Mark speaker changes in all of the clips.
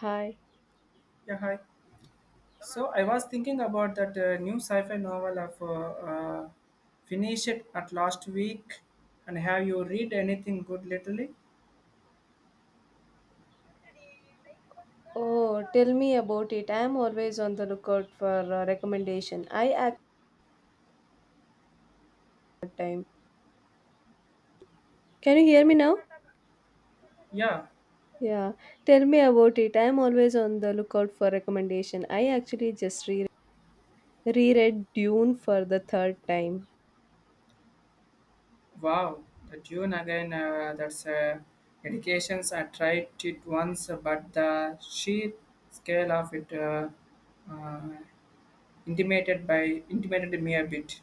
Speaker 1: Hi.
Speaker 2: Yeah, hi. So I was thinking about that new sci-fi novel of Finish It at last week, and have you read anything good lately?
Speaker 1: Oh, tell me about it. I am always on the lookout for a recommendation. I act time. Can you hear me now?
Speaker 2: Yeah,
Speaker 1: Yeah. Tell me about it. I am always on the lookout for recommendation. I actually just reread Dune for the third time.
Speaker 2: wow, the tune again. That's dedications. I tried it once, but the sheer scale of it uh, intimated by intimated me a bit.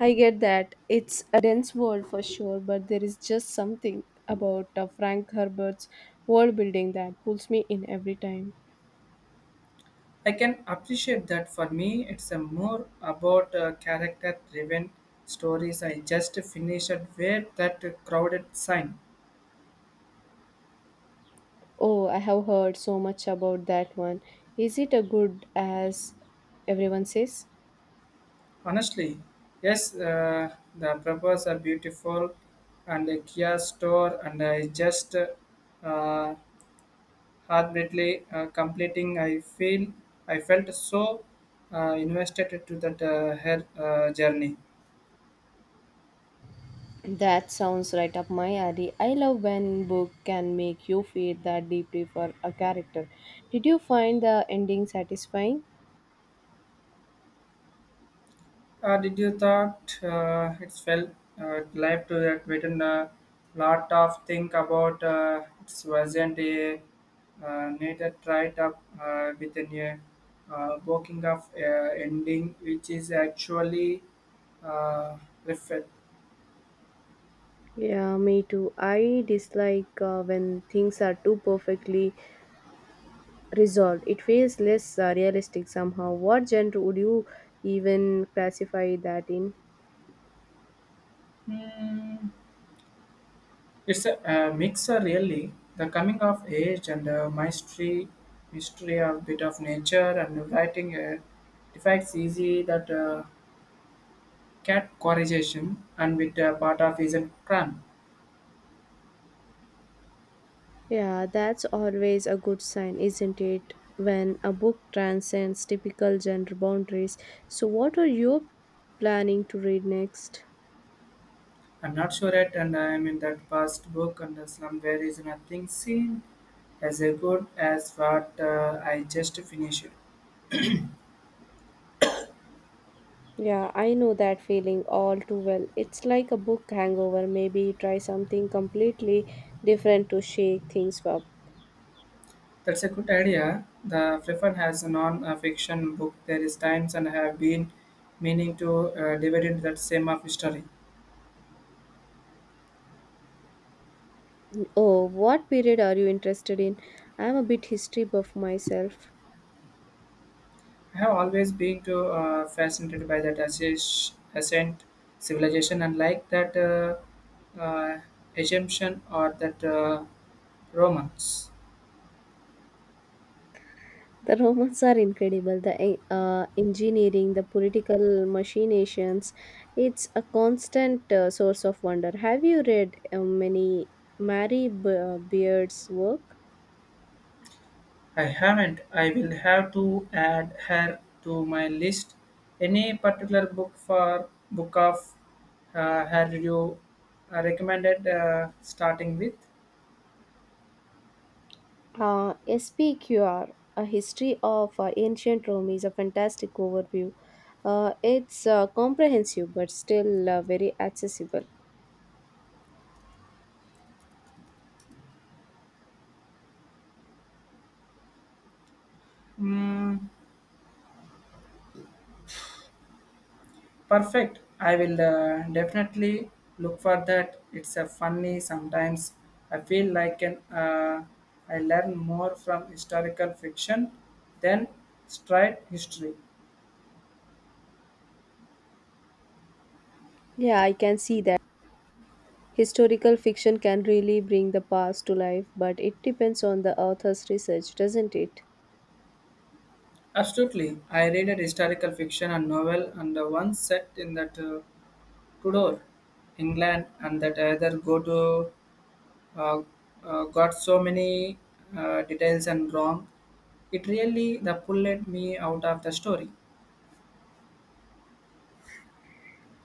Speaker 1: I get that it's a dense world for sure, but there is just something about Frank Herbert's world building that pulls me in every time.
Speaker 2: I can appreciate that for me, it's a more about character driven stories. I just finished where that crowded sign.
Speaker 1: Oh, I have heard so much about that one. Is it a good as everyone says?
Speaker 2: Honestly, yes, the purpose are beautiful and a Kia store, and I just heartbeatly completing. I felt so invested to that her journey.
Speaker 1: That sounds right up my alley. I love when book can make you feel that deeply for a character. Did you find the ending satisfying?
Speaker 2: Did you thought it's felt life to that written a lot of think about it wasn't a needed right up within a working of ending which is actually uh, refer-
Speaker 1: Yeah, me too. I dislike when things are too perfectly resolved. It feels less realistic somehow. What genre would you even classify that in?
Speaker 2: Hmm, it's a, mixer really the coming of age and mystery of bit of nature and writing defects easy that categorization and with a part of is a crime.
Speaker 1: Yeah, that's always a good sign, isn't it? When a book transcends typical gender boundaries. So, what are you planning to read next?
Speaker 2: I'm not sure yet, and I am in that past book and the slum where is nothing seen as a good as what I just finished.
Speaker 1: Yeah, I know that feeling all too well. It's like a book hangover. Maybe try something completely different to shake things up.
Speaker 2: That's a good idea. The Freffen has a non-fiction book. There is times and I have been meaning to divide that same of history.
Speaker 1: Oh, what period are you interested in? I'm a bit history buff myself.
Speaker 2: I have always been too fascinated by that ascent civilization and like that Egyptian or that Romans.
Speaker 1: The Romans are incredible. The engineering, the political machinations, it's a constant source of wonder. Have you read many Beard's work?
Speaker 2: I haven't. I will have to add her to my list. Any particular book for book of her you recommended starting with?
Speaker 1: SPQR, A History of Ancient Rome, is a fantastic overview. It's comprehensive but still very accessible.
Speaker 2: Hmm. Perfect. I will definitely look for that. It's a funny sometimes. I feel like I learn more from historical fiction than straight history.
Speaker 1: Yeah, I can see that. Historical fiction can really bring the past to life, but it depends on the author's research, doesn't it?
Speaker 2: Absolutely. I read a historical fiction and novel and the one set in that Tudor, England and that either go to uh, got so many details and wrong. It really the pulled me out of the story.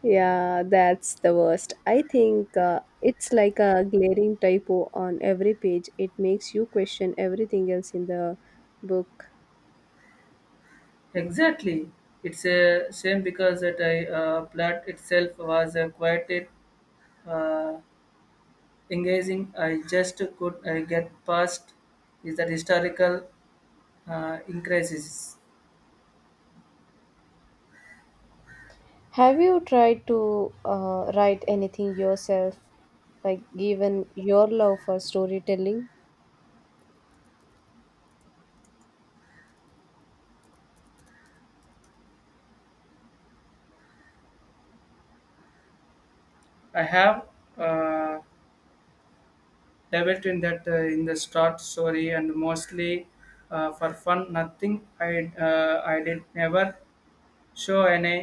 Speaker 1: Yeah, that's the worst. I think it's like a glaring typo on every page. It makes you question everything else in the book.
Speaker 2: Exactly. It's a shame because that I plot itself was quite uh, engaging. I just could get past is that historical increases.
Speaker 1: Have you tried to write anything yourself, like given your love for storytelling?
Speaker 2: I have uh, dabbled in that in the short story and mostly for fun. Nothing I did never show any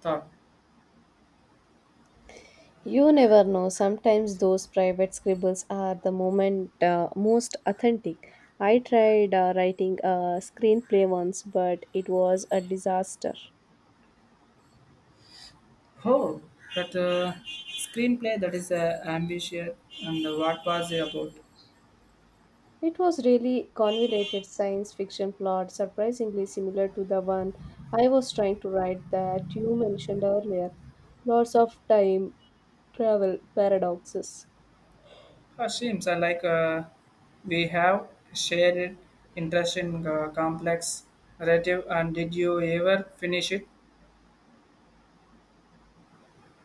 Speaker 2: thought.
Speaker 1: You never know. Sometimes those private scribbles are the moment most authentic. I tried writing a screenplay once, but it was a disaster.
Speaker 2: Oh, that screenplay that is ambitious and what was it about?
Speaker 1: It was really convoluted science fiction plot, surprisingly similar to the one I was trying to write that you mentioned earlier. Lots of time travel paradoxes.
Speaker 2: Seems like we have shared interest in complex narrative. And did you ever finish it?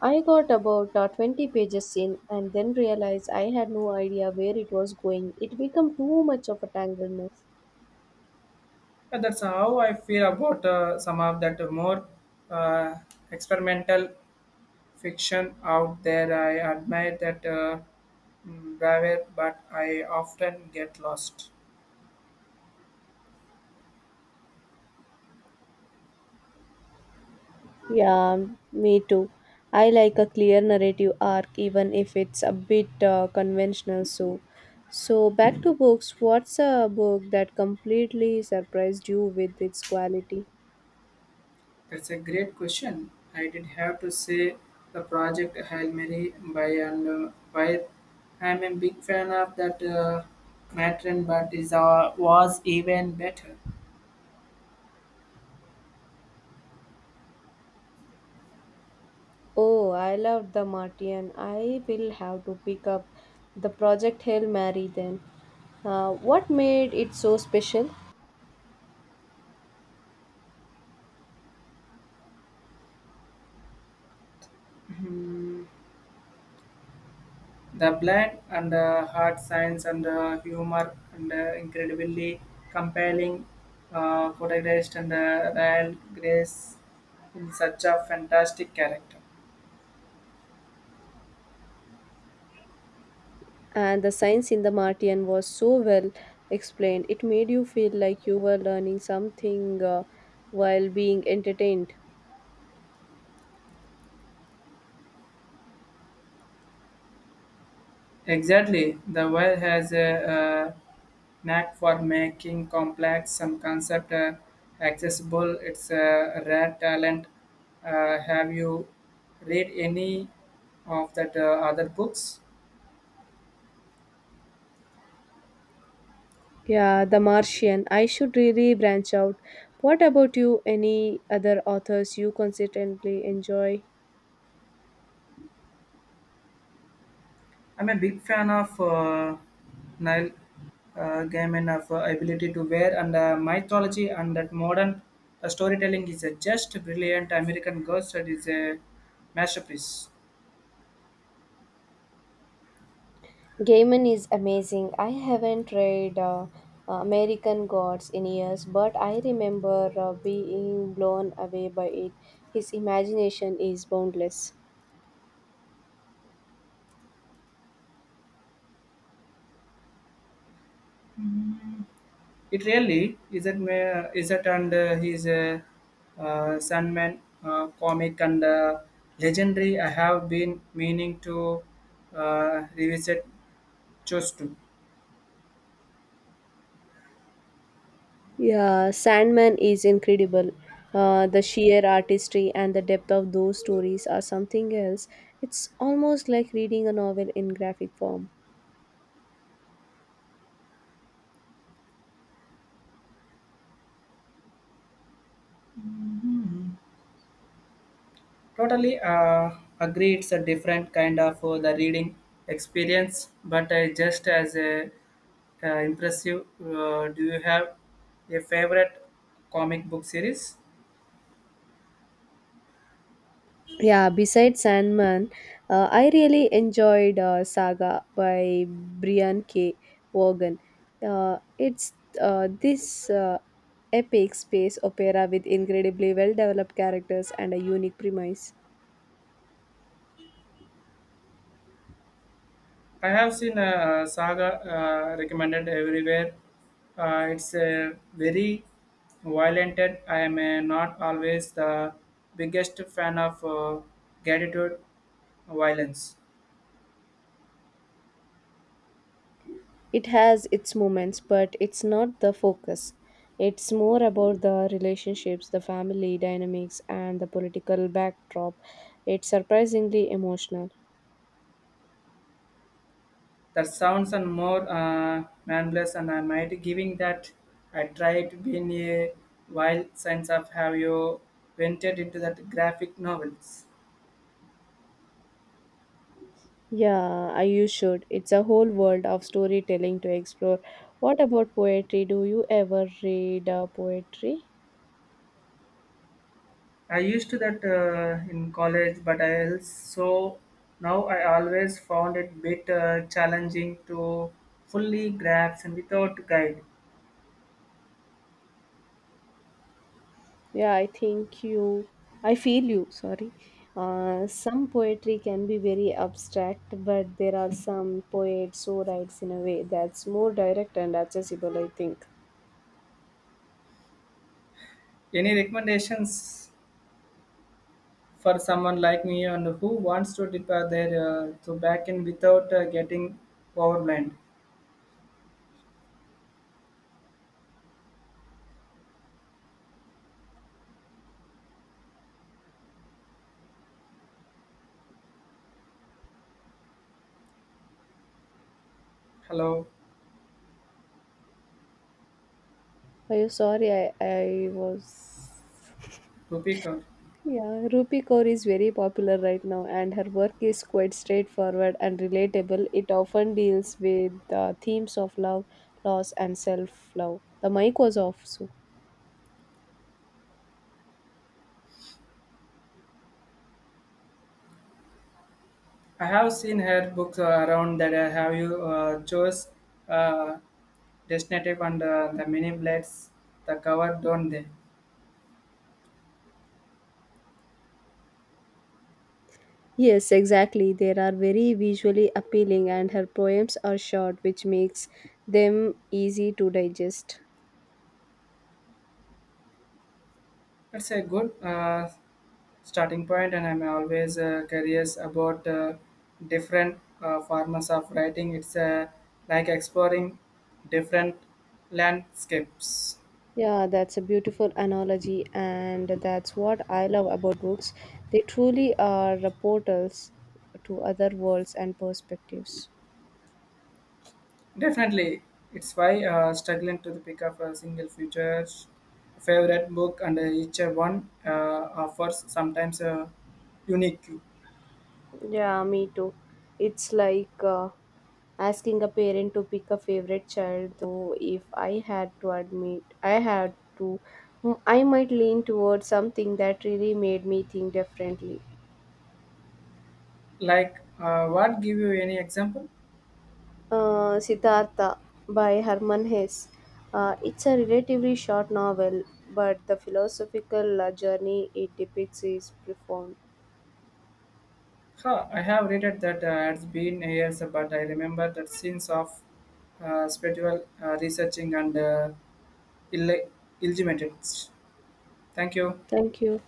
Speaker 1: I got about 20 pages in and then realized I had no idea where it was going. It became too much of a tangled mess.
Speaker 2: That's how I feel about some of that more uh, experimental fiction out there. I admire that bravery, but I often get lost.
Speaker 1: Yeah, me too. I like a clear narrative arc, even if it's a bit conventional. So, back to books. What's a book that completely surprised you with its quality?
Speaker 2: That's a great question. I did have to say the project Hail Mary by and by. I'm a big fan of that matron, but is was even better.
Speaker 1: Oh, I loved The Martian. I will have to pick up the Project Hail Mary then. What made it so special?
Speaker 2: The blend and hard science and humor and incredibly compelling protagonist and Rael Grace in such a fantastic character.
Speaker 1: And the science in the Martian was so well explained. It made you feel like you were learning something while being entertained.
Speaker 2: Exactly, the world has a knack for making complex some concept accessible. It's a rare talent. Have you read any of that other books?
Speaker 1: Yeah, The Martian. I should really branch out. What about you? Any other authors you consistently enjoy?
Speaker 2: I'm a big fan of Nile Gaiman of ability to wear and mythology and that modern storytelling is a just brilliant. American Ghost is a masterpiece.
Speaker 1: Gaiman is amazing. I haven't read American Gods in years, but I remember being blown away by it. His imagination is boundless.
Speaker 2: It really isn't, isn't and he's a Sandman comic and legendary. I have been meaning to revisit just to.
Speaker 1: Yeah, Sandman is incredible. The sheer artistry and the depth of those stories are something else. It's almost like reading a novel in graphic form.
Speaker 2: Totally agree, it's a different kind of the reading experience, but just as a impressive. Do you have a favorite comic book series?
Speaker 1: Yeah, besides Sandman, I really enjoyed Saga by Brian K. Vaughan. It's this epic space opera with incredibly well developed characters and a unique premise.
Speaker 2: I have seen Saga recommended everywhere. It's a very violent. And I am not always the biggest fan of gratitude violence.
Speaker 1: It has its moments, but it's not the focus. It's more about the relationships, the family dynamics, and the political backdrop. It's surprisingly emotional.
Speaker 2: That sounds and more manless, and I might giving that I tried being a wild sense of have you ventured into that graphic novels.
Speaker 1: Yeah, I you should. It's a whole world of storytelling to explore. What about poetry? Do you ever read poetry?
Speaker 2: I used to that in college, but I also now I always found it bit challenging to fully grasp and without guide.
Speaker 1: Yeah, I think you. I feel you. Sorry. Some poetry can be very abstract, but there are some poets who writes in a way that's more direct and accessible. I think.
Speaker 2: Any recommendations for someone like me and who wants to dip their to back in without getting overwhelmed? Hello,
Speaker 1: Are you sorry? I was.
Speaker 2: Rupika.
Speaker 1: Yeah, Rupi Kaur is very popular right now, and her work is quite straightforward and relatable. It often deals with the themes of love, loss, and self love. The mic was off, so.
Speaker 2: I have seen her books around that have you chose uh, Destinative and the mini blades, the cover don't they?
Speaker 1: Yes, exactly. They are very visually appealing, and her poems are short, which makes them easy to digest.
Speaker 2: That's a good starting point, and I'm always curious about different forms of writing. It's like exploring different landscapes.
Speaker 1: Yeah, that's a beautiful analogy, and that's what I love about books. They truly are portals to other worlds and perspectives.
Speaker 2: Definitely, it's why struggling to pick up a single future favorite book, and each one offers sometimes a unique.
Speaker 1: Yeah, me too. It's like asking a parent to pick a favorite child, though if I had to admit, I had to, mm, I might lean towards something that really made me think differently.
Speaker 2: Like, what give you any example?
Speaker 1: Siddhartha by Herman Hesse. It's a relatively short novel, but the philosophical journey it depicts is profound.
Speaker 2: Huh, I have read it that it's been years, but I remember that scenes of spiritual researching and illegitimate. Thank you.
Speaker 1: Thank you.